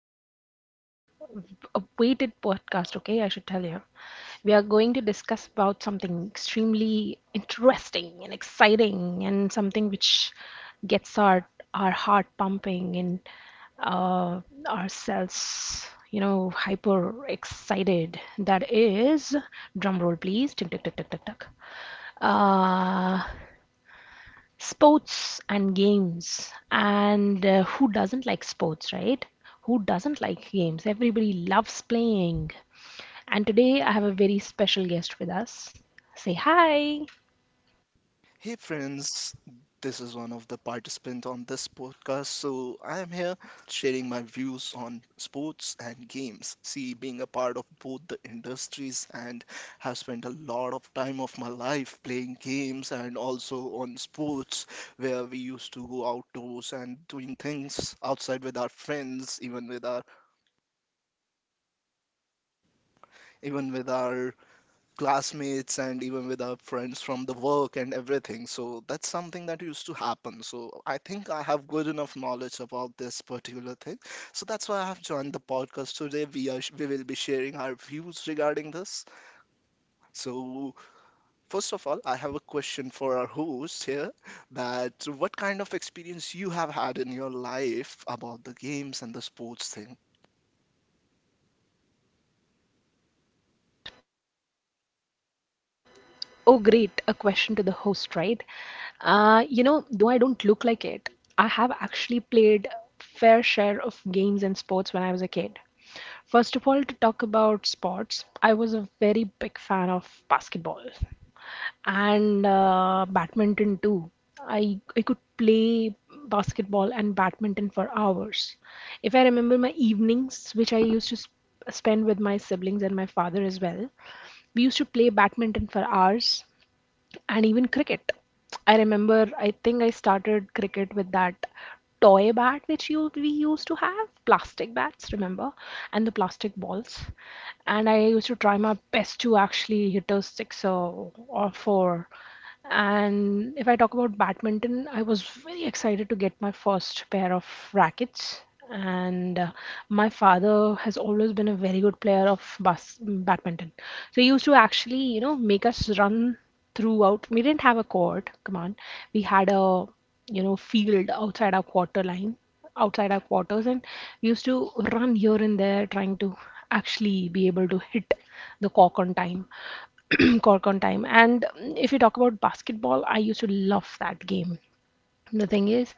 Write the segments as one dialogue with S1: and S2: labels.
S1: podcast. A weighted podcast, okay, I should tell you. We are going to discuss about something extremely interesting and exciting and something which gets our heart pumping and uh, ourselves, you know, hyper excited. That is drum roll please. Tick tick tick tick tick tick. Uh, Sports and games and who doesn't like sports, right? Who doesn't like games? Everybody loves playing. And today I have a very special guest with us. Say hi.
S2: Hey friends, this is one of the participants on this podcast. So I am here sharing my views on sports and games. See, being a part of both the industries and have spent a lot of time of my life playing games and also on sports where we used to go outdoors and doing things outside with our friends, even with our classmates and even with our friends from the work and everything. So that's something that used to happen. So I think I have good enough knowledge about this particular thing. So that's why I have joined the podcast today. We will be sharing our views regarding this. So first of all, I have a question for our host here that what kind of experience you have had in your life about the games and the sports thing.
S1: Oh, great. A question to the host, right? You know, though I don't look like it, I have actually played fair share of games and sports when I was a kid. First of all, to talk about sports, I was a very big fan of basketball and badminton too. I could play basketball and badminton for hours. If I remember my evenings, which I used to spend with my siblings and my father as well. We used to play badminton for hours and even cricket. I remember, I think I started cricket with that toy bat which you we used to have, plastic bats, remember, and the plastic balls. And I used to try my best to actually hit a six or four. And if I talk about badminton, I was very excited to get my first pair of rackets. And my father has always been a very good player of badminton. So he used to actually, you know, make us run throughout. We didn't have a court, come on. We had a, you know, field outside our quarters and used to run here and there trying to actually be able to hit the cork on time cork on time. And if you talk about basketball, I used to love that game. The thing is,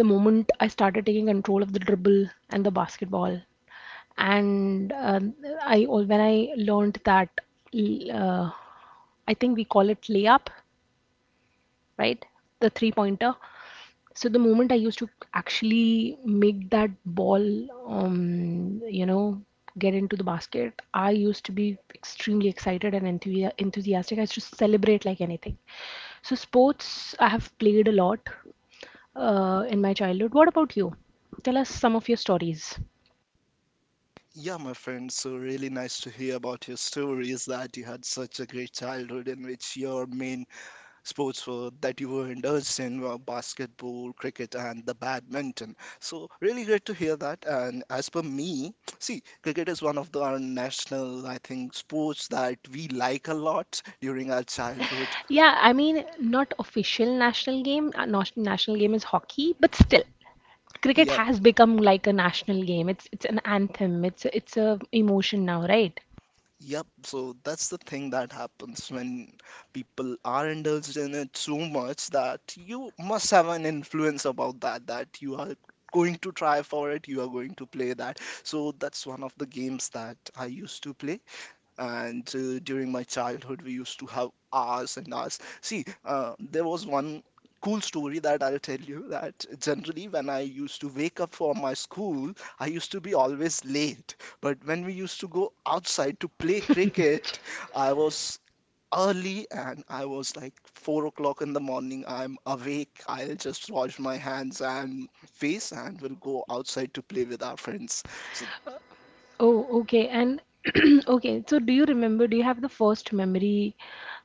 S1: the moment I started taking control of the dribble and the basketball, and when I learned that, uh, I think we call it layup, right? The three pointer. So the moment I used to actually make that ball, you know, get into the basket, I used to be extremely excited and enthusiastic. I used to celebrate like anything. So sports, I have played a lot in my childhood. What about you? Tell us some of your stories.
S2: Yeah, my friend, so really nice to hear about your stories that you had such a great childhood in which your main sports were that you were indulged in were basketball, cricket, and the badminton. So, really great to hear that. And as per me, see, cricket is one of the, our national, I think, sports that we like a lot during our childhood.
S1: Yeah, I mean, not official national game. National game is hockey, but still. Cricket
S2: Yeah.
S1: has become like a national game. It's an anthem. It's a emotion now, right?
S2: Yep, so that's the thing that happens when people are indulged in it so much that you must have an influence about that, that you are going to try for it, you are going to play that. So that's one of the games that I used to play. And during my childhood we used to have hours and hours. See, there was one cool story that I'll tell you that generally when I used to wake up for my school, I used to be always late, but when we used to go outside to play cricket, I was early. And I was like 4 o'clock in the morning, I'm awake, I'll just wash my hands and face and will go outside to play with our friends. So
S1: Oh, okay. And okay, so do you remember, do you have the first memory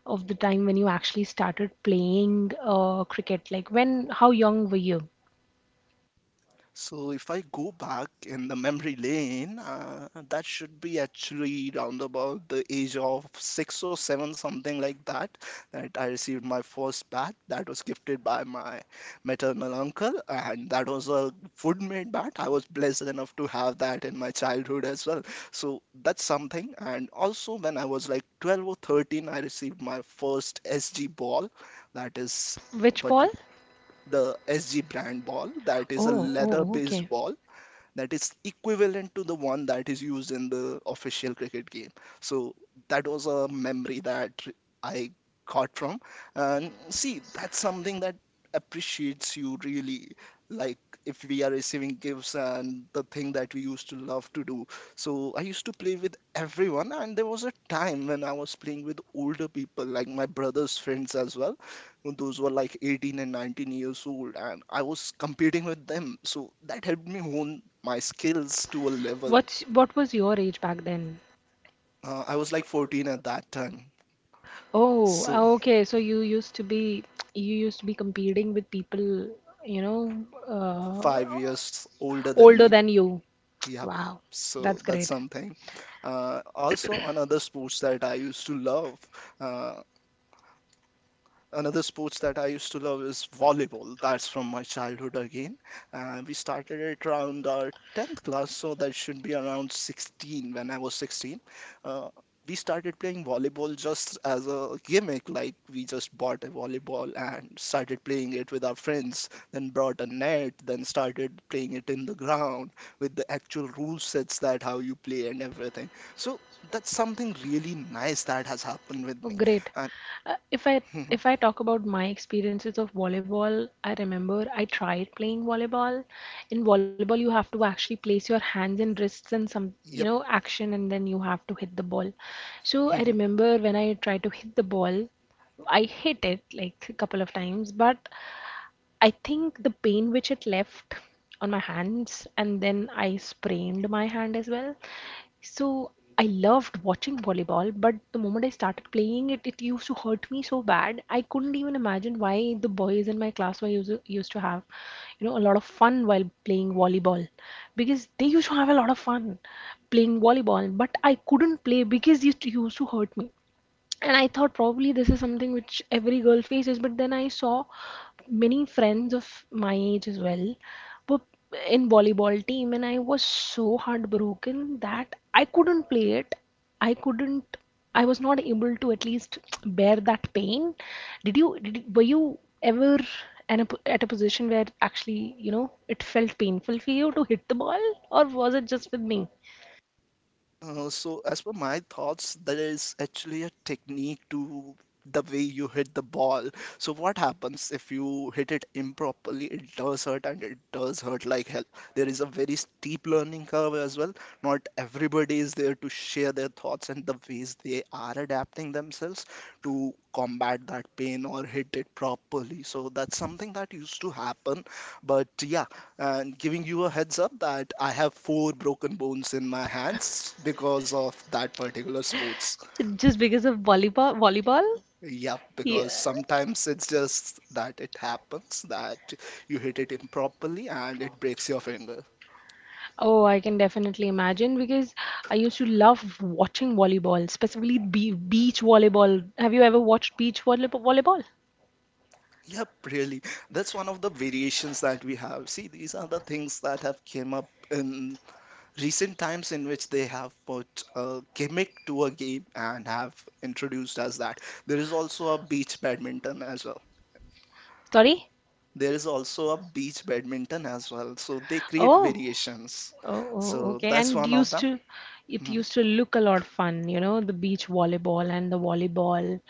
S1: of the time when you actually started playing cricket? Like when, how young were you?
S2: so if I go back in the memory lane, that should be actually round about the age of 6 or 7, something like that, that I received my first bat. That was gifted by my maternal uncle, and that was a wood-made bat. I was blessed enough to have that in my childhood as well. So that's something. And also, when I was like 12 or 13, I received my first SG ball. That is.
S1: Which
S2: What,
S1: ball?
S2: the SG brand ball that is a
S1: Oh,
S2: leather
S1: oh,
S2: based
S1: okay.
S2: ball that is equivalent to the one that is used in the official cricket game. So that was a memory that I got from. And see, that's something that appreciates you really. Like if we are receiving gifts and the thing that we used to love to do. So I used to play with everyone, and there was a time when I was playing with older people, like my brother's friends as well. Those were like 18 and 19 years old and I was competing with them, so that helped me hone my skills to a level.
S1: What's what was your age back then?
S2: I was like 14 at that time.
S1: Oh,
S2: So
S1: okay. So you used to be you used to be competing with people, you know, uh,
S2: 5 years older than
S1: older
S2: me.
S1: than you.
S2: Yep,
S1: Wow,
S2: so
S1: that's
S2: that's
S1: great.
S2: something. Uh, also another sports that I used to love uh, Another sports that I used to love is volleyball. That's from my childhood again. We started it around our 10th class, so that should be around 16 when I was 16. Uh, we started playing volleyball just as a gimmick, like we just bought a volleyball and started playing it with our friends, then brought a net, then started playing it in the ground with the actual rule sets that how you play and everything. So that's something really nice that has happened with
S1: Oh,
S2: me.
S1: great.
S2: And
S1: If I if I talk about my experiences of volleyball, I remember I tried playing volleyball. In volleyball, you have to actually place your hands and wrists in some, you
S2: yep.
S1: know, action, and then you have to hit the ball. So I remember when I tried to hit the ball, I hit it like a couple of times, but I think the pain which it left on my hands, and then I sprained my hand as well. So I loved watching volleyball, but the moment I started playing it, it used to hurt me so bad. I couldn't even imagine why the boys in my class were used to have, you know, a lot of fun while playing volleyball, because they used to have a lot of fun playing volleyball, but I couldn't play because it used to hurt me. And I thought probably this is something which every girl faces, but then I saw many friends of my age as well were in volleyball team, and I was so heartbroken that I couldn't play it. I couldn't, I was not able to at least bear that pain. Were you ever at a position where actually, you know, it felt painful for you to hit the ball, or was it just with me?
S2: So as per my thoughts, there is actually a technique to the way you hit the ball. So what happens if you hit it improperly? It does hurt and it does hurt like hell. There is a very steep learning curve as well. Not everybody is there to share their thoughts and the ways they are adapting themselves to combat that pain or hit it properly. So that's something that used to happen. But yeah, and giving you a heads up that I have four broken bones in my hands because of that particular sports.
S1: Just because of volleyball, volleyball?
S2: Yep,
S1: Yeah.
S2: because sometimes it's just that it happens that you hit it improperly and it breaks your finger.
S1: Oh, I can definitely imagine because I used to love watching volleyball, specifically be beach volleyball. Have you ever watched beach volleyball?
S2: Yep, really. That's one of the variations that we have. See, these are the things that have came up in recent times in which they have put a gimmick to a game and have introduced as that. There is also a beach badminton as well.
S1: Sorry?
S2: There is also a beach badminton as well. So they create
S1: Oh,
S2: variations.
S1: oh, oh,
S2: So
S1: okay. And
S2: that's one of them.
S1: it
S2: Hmm.
S1: used to look a lot fun, you know, the beach volleyball and the volleyball.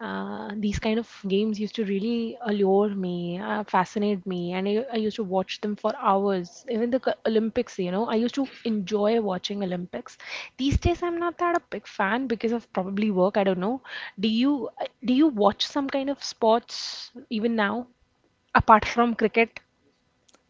S1: These kind of games used to really allure me, fascinate me, and I used to watch them for hours. Even the Olympics, you know, I used to enjoy watching Olympics. These days, I'm not that a big fan because of probably work. I don't know. Do you do you watch some kind of sports even now? Apart from cricket,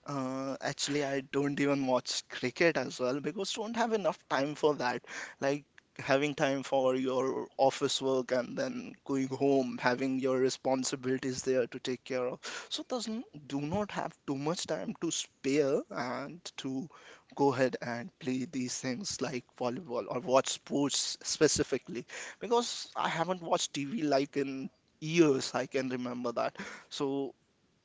S2: Actually, I don't even watch cricket as well because don't have enough time for that. Like having time for your office work and then going home, having your responsibilities there to take care of. So doesn't do not have too much time to spare and to go ahead and play these things like volleyball or watch sports specifically because I haven't watched TV like in years. I can remember that. So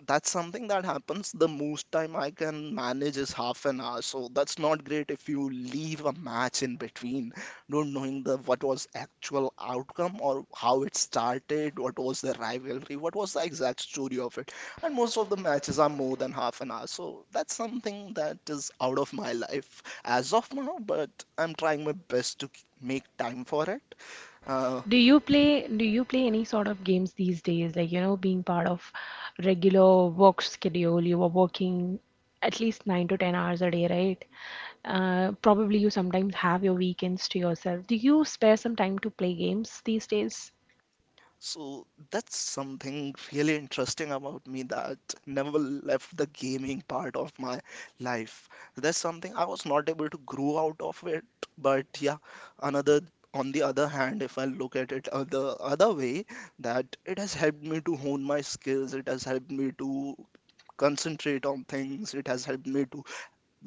S2: that's something that happens. The most time I can manage is 30 minutes, so that's not great if you leave a match in between, not knowing the what was actual outcome or how it started, what was the rivalry, what was the exact story of it. And most of the matches are more than half an hour, so that's something that is out of my life as of now, but I'm trying my best to make time for it. Uh,
S1: do you play any sort of games these days, like, you know, being part of regular work schedule? You were working at least 9 to 10 hours a day, right? Probably you sometimes have your weekends to yourself. Do you spare some time to play games these days?
S2: So that's something really interesting about me that never left the gaming part of my life. That's something I was not able to grow out of it. But yeah, another on the other hand, if I look at it the other way, that it has helped me to hone my skills. It has helped me to concentrate on things. It has helped me to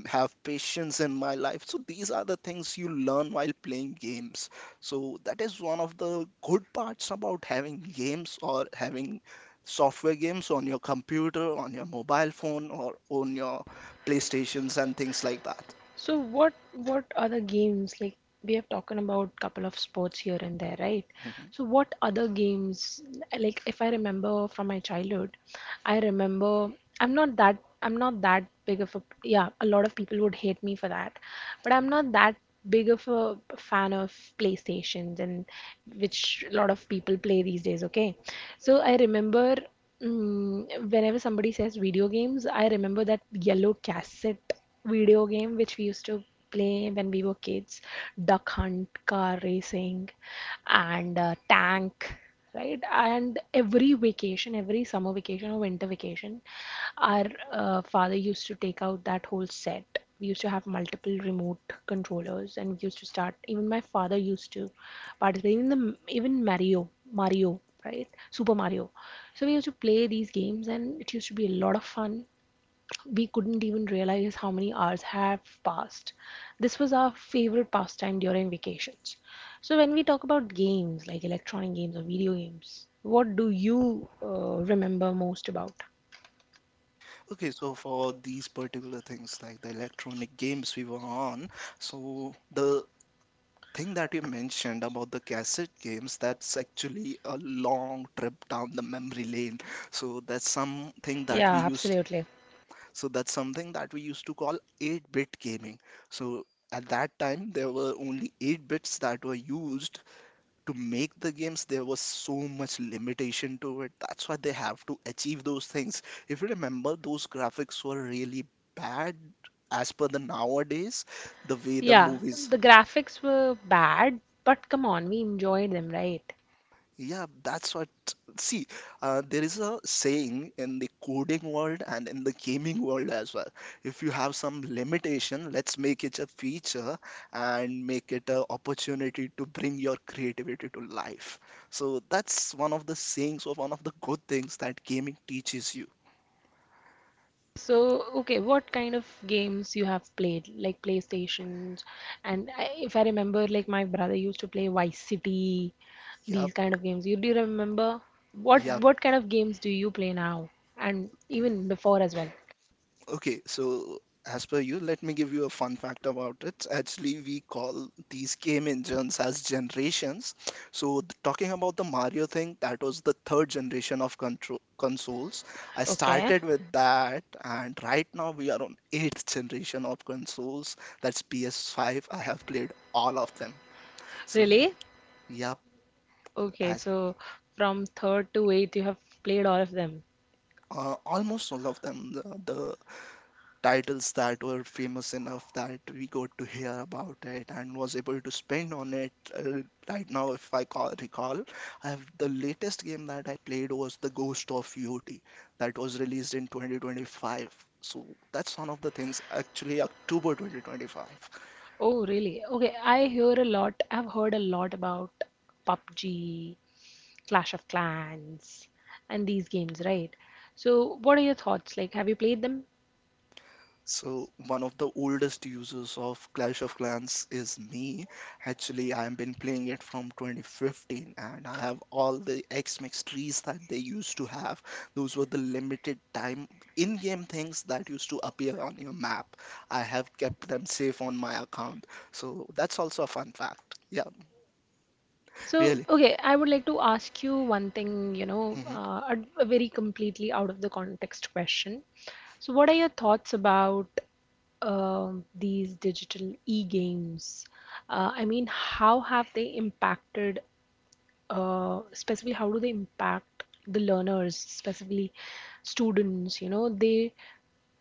S2: have patience in my life. So these are the things you learn while playing games, so that is one of the good parts about having games or having software games on your computer, on your mobile phone, or on your playstations and things like that.
S1: So what other games, like we have talked about couple of sports here and there, right?
S2: Mhm.
S1: So what other games, like if I remember from my childhood, I remember, I'm not that big of a, yeah, a lot of people would hate me for that, but I'm not that big of a fan of PlayStations and which a lot of people play these days, okay? So I remember, whenever somebody says video games, I remember that yellow cassette video game which we used to play when we were kids. Duck hunt, car racing, and tank, right? And every vacation, every summer vacation or winter vacation, our father used to take out that whole set. We used to have multiple remote controllers, and we used to start. Even my father used to participate. Even the even Mario, Mario, right? Super Mario. So we used to play these games and it used to be a lot of fun. We couldn't even realize how many hours have passed. This was our favorite pastime during vacations. So when we talk about games like electronic games or video games, what do you remember most about?
S2: Okay, so for these particular things like the electronic games we were on, so the thing that you mentioned about the cassette games, that's actually a long trip down the memory lane. So that's something that
S1: Yeah,
S2: we used.
S1: absolutely.
S2: To call 8-bit gaming. So at that time, there were only 8 bits that were used to make the games. There was so much limitation to it. That's why they have to achieve those things. If you remember, those graphics were really bad as per the nowadays, the way the
S1: Yeah,
S2: movies.
S1: the graphics were bad, but come on, we enjoyed them, right?
S2: Yeah, that's what. See, there is a saying in the coding world and in the gaming world as well. If you have some limitation, let's make it a feature and make it an opportunity to bring your creativity to life. So that's one of the sayings or one of the good things that gaming teaches you.
S1: So, okay, what kind of games you have played, like PlayStations, and I, if I remember, like my brother used to play Vice City,
S2: Yep.
S1: these kind of games. You do you remember
S2: Yeah,
S1: what kind of games do you play now, and even before as well?
S2: okay, so as per you, let me give you a fun fact about it. Actually, we call these game engines as generations. So, talking about the Mario thing, that was the third generation of control consoles. I
S1: Okay,
S2: started with that, and right now we are on eighth generation of consoles. That's PS5. I have played all of them. So,
S1: really?
S2: yep,
S1: Okay,
S2: as
S1: so from third to eighth, you have played all of them.
S2: almost all of them, the titles that were famous enough that we got to hear about it and was able to spend on it. Right now if I recall, I have the latest game that I played was the ghost of ut that was released in 2025. So that's one of the things, actually october 2025.
S1: Oh, really? Okay, I hear a lot. I've heard a lot about PUBG, Clash of Clans, and these games, right? So, what are your thoughts? Like, have you played them?
S2: So one of the oldest users of Clash of Clans is me. Actually, I've been playing it from 2015 and I have all the X-Mix trees that they used to have. Those were the limited time in-game things that used to appear on your map. I have kept them safe on my account. So that's also a fun fact. Yeah,
S1: So,
S2: really.
S1: okay, I would like to ask you one thing, you know,
S2: Mm-hmm.
S1: a very completely out of the context question. So, what are your thoughts about these digital e-games? I mean, how have they impacted specifically how do they impact the learners, specifically students, you know, they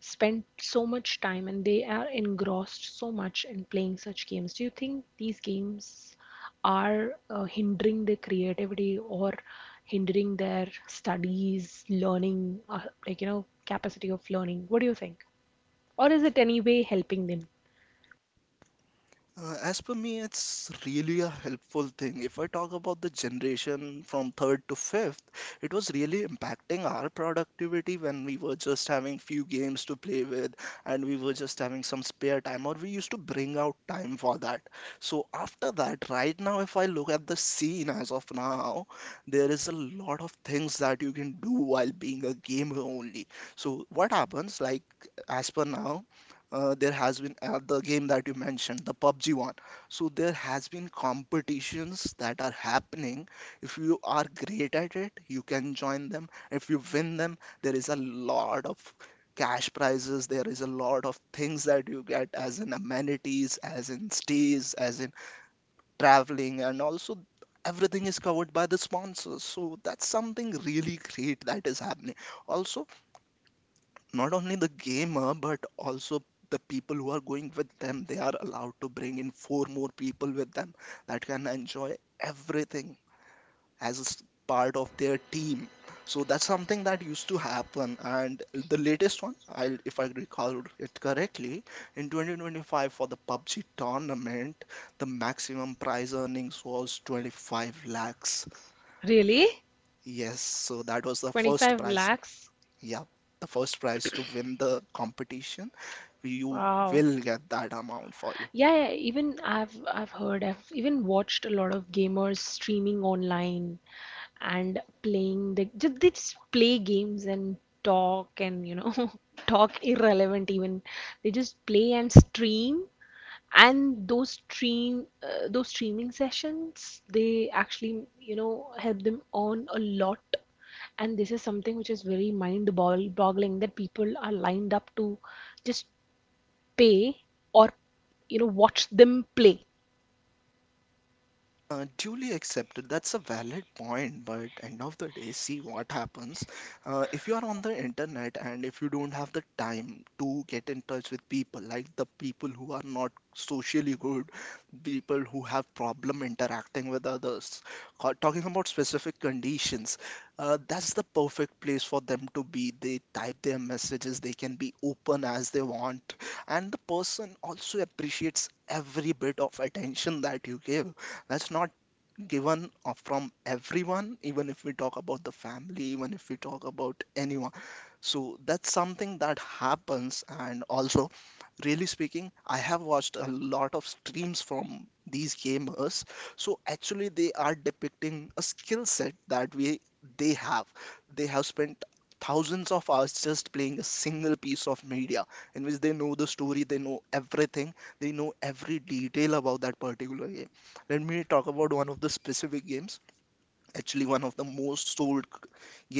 S1: spend so much time and they are engrossed so much in playing such games. Do you think these games are hindering their creativity or hindering their studies, learning, like, you know, capacity of learning? What do you think? Or is it any way helping them?
S2: As per me, it's really a helpful thing. If I talk about the generation from third to fifth, it was really impacting our productivity when we were just having few games to play with and we were just having some spare time or we used to bring out time for that. So after that, right now, if I look at the scene as of now, there is a lot of things that you can do while being a gamer only. So what happens, like as per now, there has been the game that you mentioned, the PUBG one. So there has been competitions that are happening. If you are great at it, you can join them. If you win them, there is a lot of cash prizes. There is a lot of things that you get as in amenities, as in stays, as in traveling, and also everything is covered by the sponsors. So that's something really great that is happening. Also, not only the gamer but also the people who are going with them, they are allowed to bring in four more people with them that can enjoy everything as part of their team. So that's something that used to happen, and the latest one, I if I recall it correctly, in 2025 for the PUBG tournament, the maximum prize earnings was 25 lakhs.
S1: Really?
S2: Yes, so that was the first
S1: 25
S2: prize.
S1: lakhs?
S2: Yeah, the first prize to win the competition, you
S1: Wow.
S2: will get that amount for you.
S1: Yeah, yeah, even I've heard, I've even watched a lot of gamers streaming online and playing the they just play games and talk and you know talk irrelevant even. They just play and stream, and those stream, those streaming sessions, they actually, you know, help them earn a lot. And this is something which is very boggling, that people are lined up to just pay or, you know, watch them play.
S2: Duly accepted. That's a valid point, but end of the day, see what happens. If you are on the internet and if you don't have the time to get in touch with people, like the people who are not socially good, people who have problem interacting with others, or talking about specific conditions, that's the perfect place for them to be. They type their messages, they can be open as they want, and the person also appreciates every bit of attention that you give, that's not given from everyone, even if we talk about the family, even if we talk about anyone. So that's something that happens, and also, really speaking, I have watched a lot of streams from these gamers. So actually they are depicting a skill set that we they have. They have spent thousands of hours just playing a single piece of media, in which they know the story, they know everything, they know every detail about that particular game. Let me talk about one of the specific games, actually one of the most sold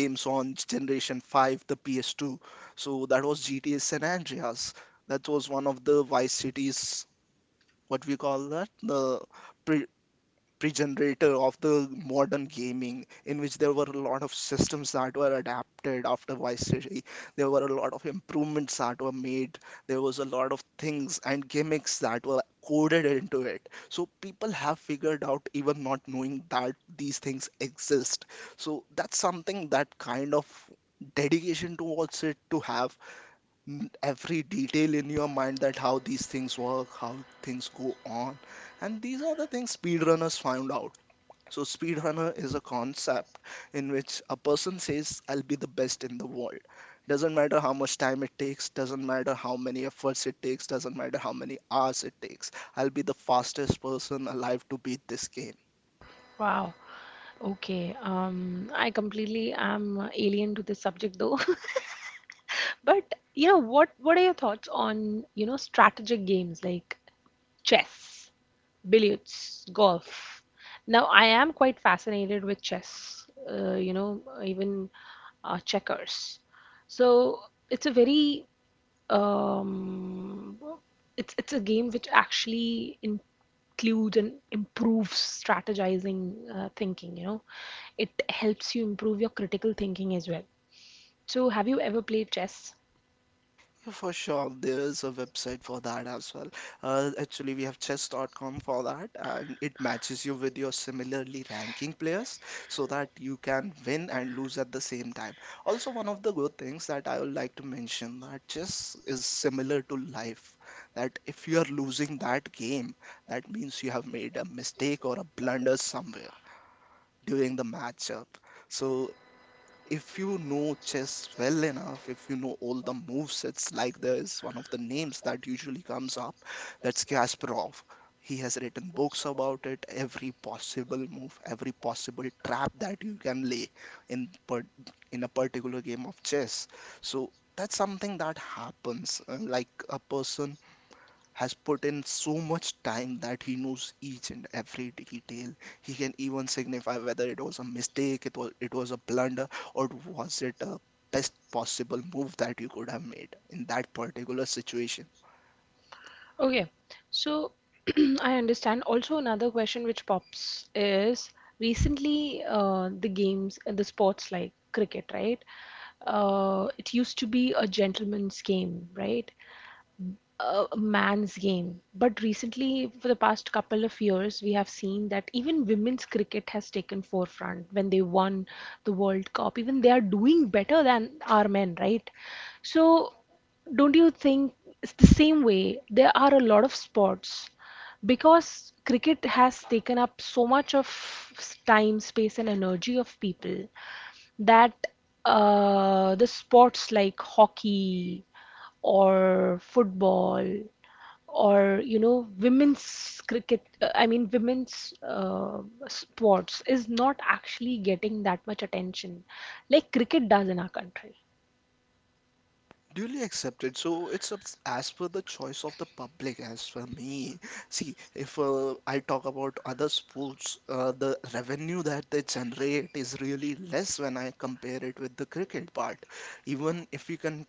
S2: games on Generation 5, the PS2. So that was GTA San Andreas. That was one of the Vice Cities, what we call that, the pre- progenitor of the modern gaming, in which there were a lot of systems that were adapted after Vice City. There were a lot of improvements that were made. There was a lot of things and gimmicks that were coded into it, so people have figured out even not knowing that these things exist. So that's something that, kind of, dedication towards it to have every detail in your mind, that how these things work, how things go on. And these are the things speedrunners found out. So, speedrunner is a concept in which a person says, I'll be the best in the world. Doesn't matter how much time it takes, doesn't matter how many efforts it takes, doesn't matter how many hours it takes. I'll be the fastest person alive to beat this game.
S1: Wow. Okay. I completely am alien to this subject though. But you know, what are your thoughts on, you know, strategic games like chess, billiards, golf? Now, I am quite fascinated with chess, you know, even checkers. So it's a very um, it's a game which actually includes and improves strategizing thinking. You know, it helps you improve your critical thinking as well. So, have you ever played chess?
S2: For sure, there's a website for that as well. Actually, we have chess.com for that, and it matches you with your similarly ranking players so that you can win and lose at the same time. Also, one of the good things that I would like to mention, that chess is similar to life. That if you are losing that game, that means you have made a mistake or a blunder somewhere during the matchup. So if you know chess well enough, if you know all the move sets, like there's one of the names that usually comes up, that's Kasparov. He has written books about it, every possible move, every possible trap that you can lay in per- in a particular game of chess. So that's something that happens. Like a person has put in so much time that he knows each and every detail. He can even signify whether it was a mistake, it was a blunder, or was it a best possible move that you could have made in that particular situation.
S1: Okay, so I understand. Also, another question which pops is recently the games, the sports like cricket, right? It used to be a gentleman's game, right? A a man's game. But recently, for the past couple of years, we have seen that even women's cricket has taken forefront when they won the World Cup. Even they are doing better than our men, right? So, don't you think it's the same way? There are a lot of sports because cricket has taken up so much of time, space, and energy of people that the sports like hockey or football or you know women's cricket I mean women's sports is not actually getting that much attention like cricket does in our country.
S2: Duly accepted, so it's up as per the choice of the public. As for me, see, if I talk about other sports, the revenue that they generate is really less when I compare it with the cricket part. Even if we can,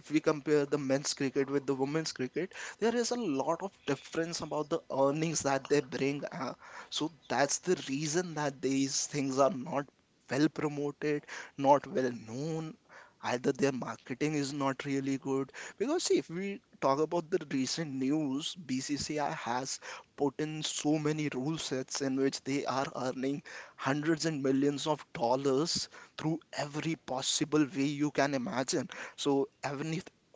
S2: if we compare the men's cricket with the women's cricket, there is a lot of difference about the earnings that they bring, so that's the reason that these things are not well promoted, not well known, either their marketing is not really good. Because see, if we talk about the recent news, BCCI has put in so many rule sets in which they are earning hundreds and millions of dollars through every possible way you can imagine. So even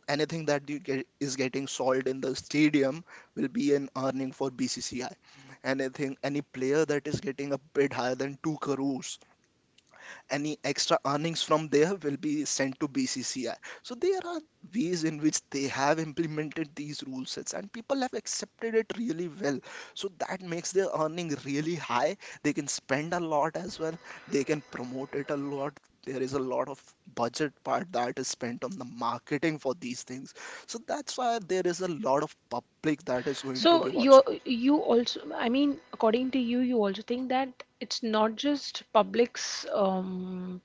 S2: anything that you get is getting sold in the stadium will be an earning for BCCI. Anything, any player that is getting a bid higher than 2 crores, any extra earnings from there will be sent to BCCI. So there are ways in which they have implemented these rule sets and people have accepted it really well. So that makes their earning really high. They can spend a lot as well. They can promote it a lot. There is a lot of budget part that is spent on the marketing for these things. So that's why there is a lot of public that is going to
S1: So
S2: be
S1: you
S2: watching.
S1: you also, I mean, according to you, you also think that it's not just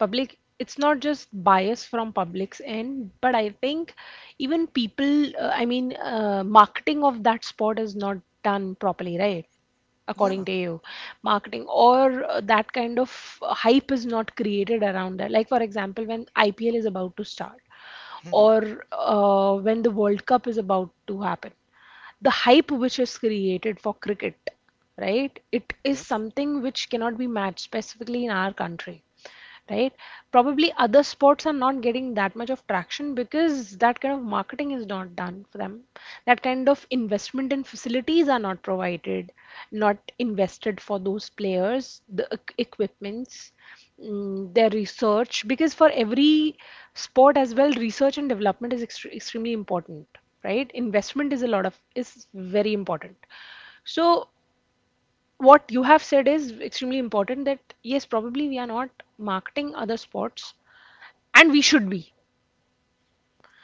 S1: public. It's not just bias from public's end, but I think even people, I mean, marketing of that sport is not done properly, right? According
S2: Yeah.
S1: to you, marketing or that kind of hype is not created around that, like for example when IPL is about to start or when the World Cup is about to happen. The hype which is created for cricket, right? It
S2: Mhm.
S1: is something which cannot be matched specifically in our country, right? Probably other sports are not getting that much of traction because that kind of marketing is not done for them. That kind of investment in facilities are not provided, not invested for those players, the equipments, their research, because for every sport as well research and development is extremely important, right? Investment is a lot of is very important. So what you have said is extremely important, that yes, probably we are not marketing other sports, and we should be.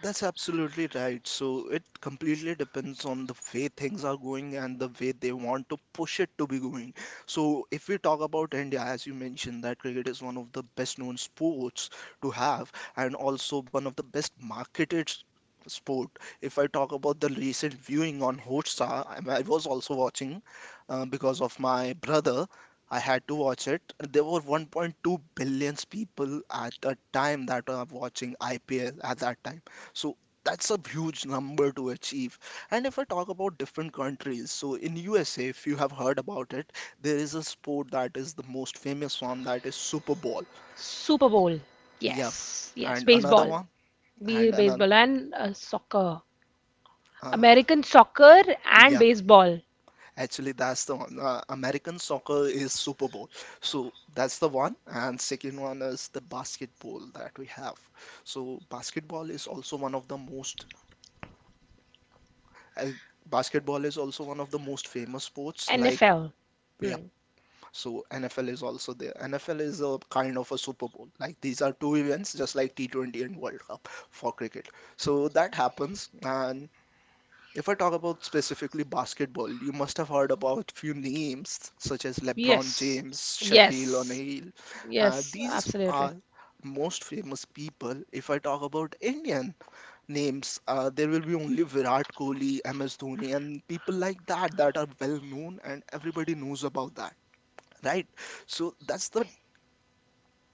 S2: That's absolutely right. So it completely depends on the way things are going and the way they want to push it to be going. So if we talk about India, as you mentioned, that cricket is one of the best known sports to have and also one of the best marketed sport. If I talk about the recent viewing on Hotstar, I was also watching because of my brother. I had to watch it. There were 1.2 billion people at the time that were watching IPL at that time. So that's a huge number to achieve. And if I talk about different countries, so in USA, if you have heard about it, there is a sport that is the most famous one, that is Super Bowl.
S1: Super Bowl.
S2: Yeah.
S1: Yes, yes,
S2: And another
S1: baseball.
S2: one,
S1: Be
S2: and another.
S1: Baseball and soccer.
S2: Uh,
S1: American soccer and
S2: yeah,
S1: baseball.
S2: actually, that's the one. American soccer is Super Bowl. So that's the one. And second one is the basketball that we have. So basketball is also one of the most, uh, basketball is also one of the most famous sports like,
S1: NFL.
S2: yeah.
S1: Hmm.
S2: So NFL is also there. NFL is a kind of a Super Bowl. Like these are two events, just like T20 and World Cup for cricket. So that happens. And if I talk about specifically basketball, you must have heard about few names such as LeBron
S1: Yes.
S2: James, Shaquille
S1: Yes.
S2: O'Neal.
S1: Yes,
S2: These
S1: absolutely.
S2: are most famous people. If I talk about Indian names, there will be only Virat Kohli, MS Dhoni, and people like that that are well known and everybody knows about that, right? So that's the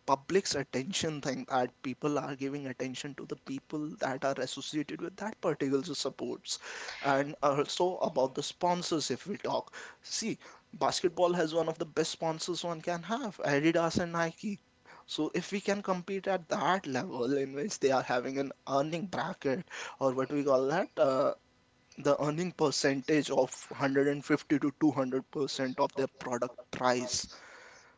S2: public's attention thing, that people are giving attention to the people that are associated with that particular supports. And also about the sponsors, if we talk, see, basketball has one of the best sponsors one can have, Adidas and Nike. So if we can compete at that level in which they are having an earning bracket, or what we call that, the earning percentage of 150 to 200% of their product price,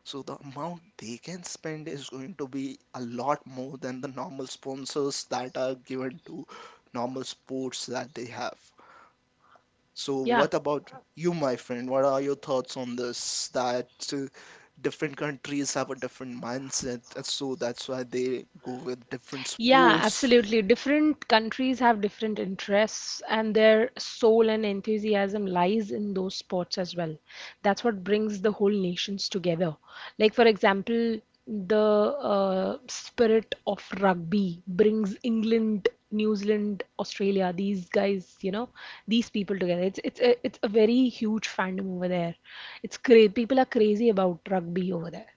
S2: so the amount they can spend is going to be a lot more than the normal sponsors that are given to normal sports that they have. So
S1: Yeah.
S2: what about you, my friend? What are your thoughts on this? That uh, different countries have a different mindset, so that's why they go with different
S1: Yeah,
S2: sports.
S1: absolutely. Different countries have different interests, and their soul and enthusiasm lies in those sports as well. That's what brings the whole nations together. Like, for example, the spirit of rugby brings England, New Zealand, Australia, these guys, you know, these people together. It's a very huge fandom over there. It's cra people are crazy about rugby over there.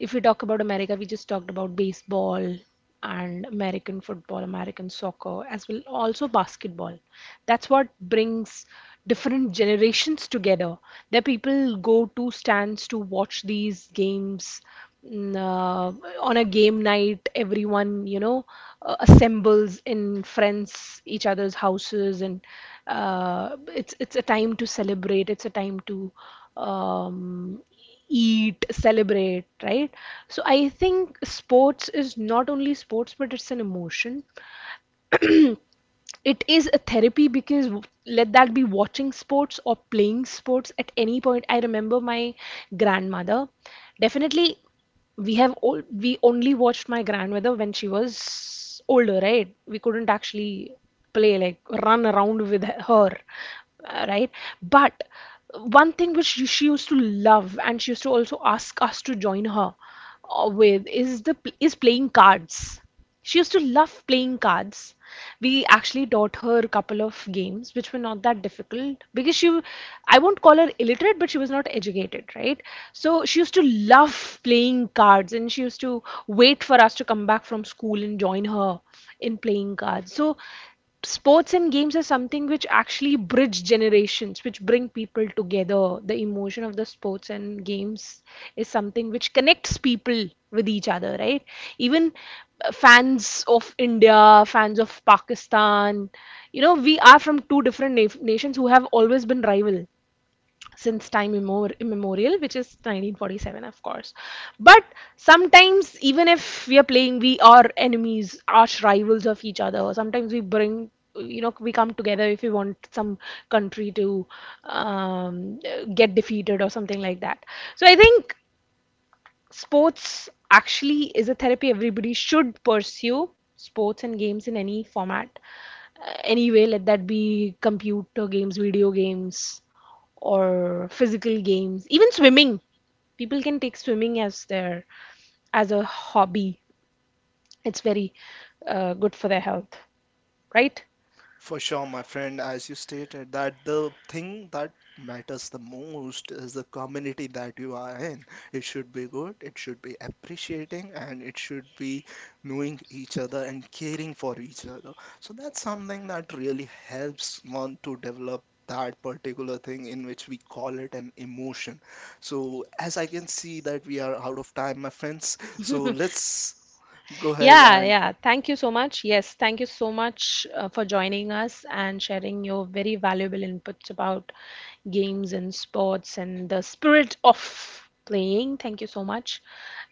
S1: If we talk about America, we just talked about baseball and American football, American soccer, as well also basketball. That's what brings different generations together. There people go to stands to watch these games. Mm, Uh, on a game night, everyone, you know, assembles in friends, each other's houses, and uh, it's a time to celebrate. It's a time to um, eat, celebrate, right? So I think sports is not only sports, but it's an emotion, it is a therapy, because let that be watching sports or playing sports. At any point, I remember my grandmother, definitely. We have all we only watched my grandmother when she was older, right? We couldn't actually play like run around with her, right? But one thing which she used to love, and she used to also ask us to join her with, is the is playing cards. She used to love playing cards. We actually taught her a couple of games which were not that difficult, because she, I won't call her illiterate, but she was not educated, right? So she used to love playing cards, and she used to wait for us to come back from school and join her in playing cards. So sports and games are something which actually bridge generations, which bring people together. The emotion of the sports and games is something which connects people with each other, right? Even fans of India, fans of Pakistan, you know, we are from two different nations who have always been rival since time immemorial, which is 1947, of course. But sometimes, even if we are playing, we are enemies, arch rivals of each other. Sometimes we bring, you know, we come together if we want some country to um, get defeated or something like that. So I think sports actually is a therapy everybody should pursue. Sports and games in any format, anyway, let that be computer games, video games, or physical games, even swimming. People can take swimming as their as a hobby. It's very good for their health, right?
S2: For
S1: Showing
S2: sure, my
S1: friends
S2: friend,
S1: and
S2: as you
S1: sisters
S2: stated, that the
S1: dream
S2: thing that matters the most is the community
S1: capability have.
S2: that you are in. It should be good, it should be
S1: Appreciating,
S2: appreciating, and it should be
S1: willing
S2: knowing each
S1: to
S2: other and
S1: care
S2: caring
S1: you.
S2: for each other. So that's something
S1: And
S2: that really helps one to develop that particular thing in which we call it an emotion. So as I can see that we are out of time, my
S1: all.
S2: friends. So let's go ahead
S1: Yeah,
S2: and
S1: yeah. Thank you so much. Yes, thank you so much for joining us and sharing your very valuable inputs about games and sports and the spirit of playing. Thank you so much.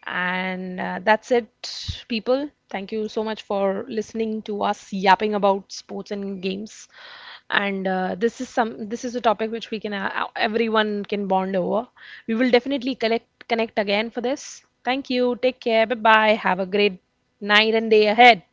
S1: And that's it, people. Thank you so much for listening to us yapping about sports and games. And this is a topic which we can everyone can bond over. We will definitely collect connect again for this. Thank you. Take care. Bye bye. Have a great night and day ahead.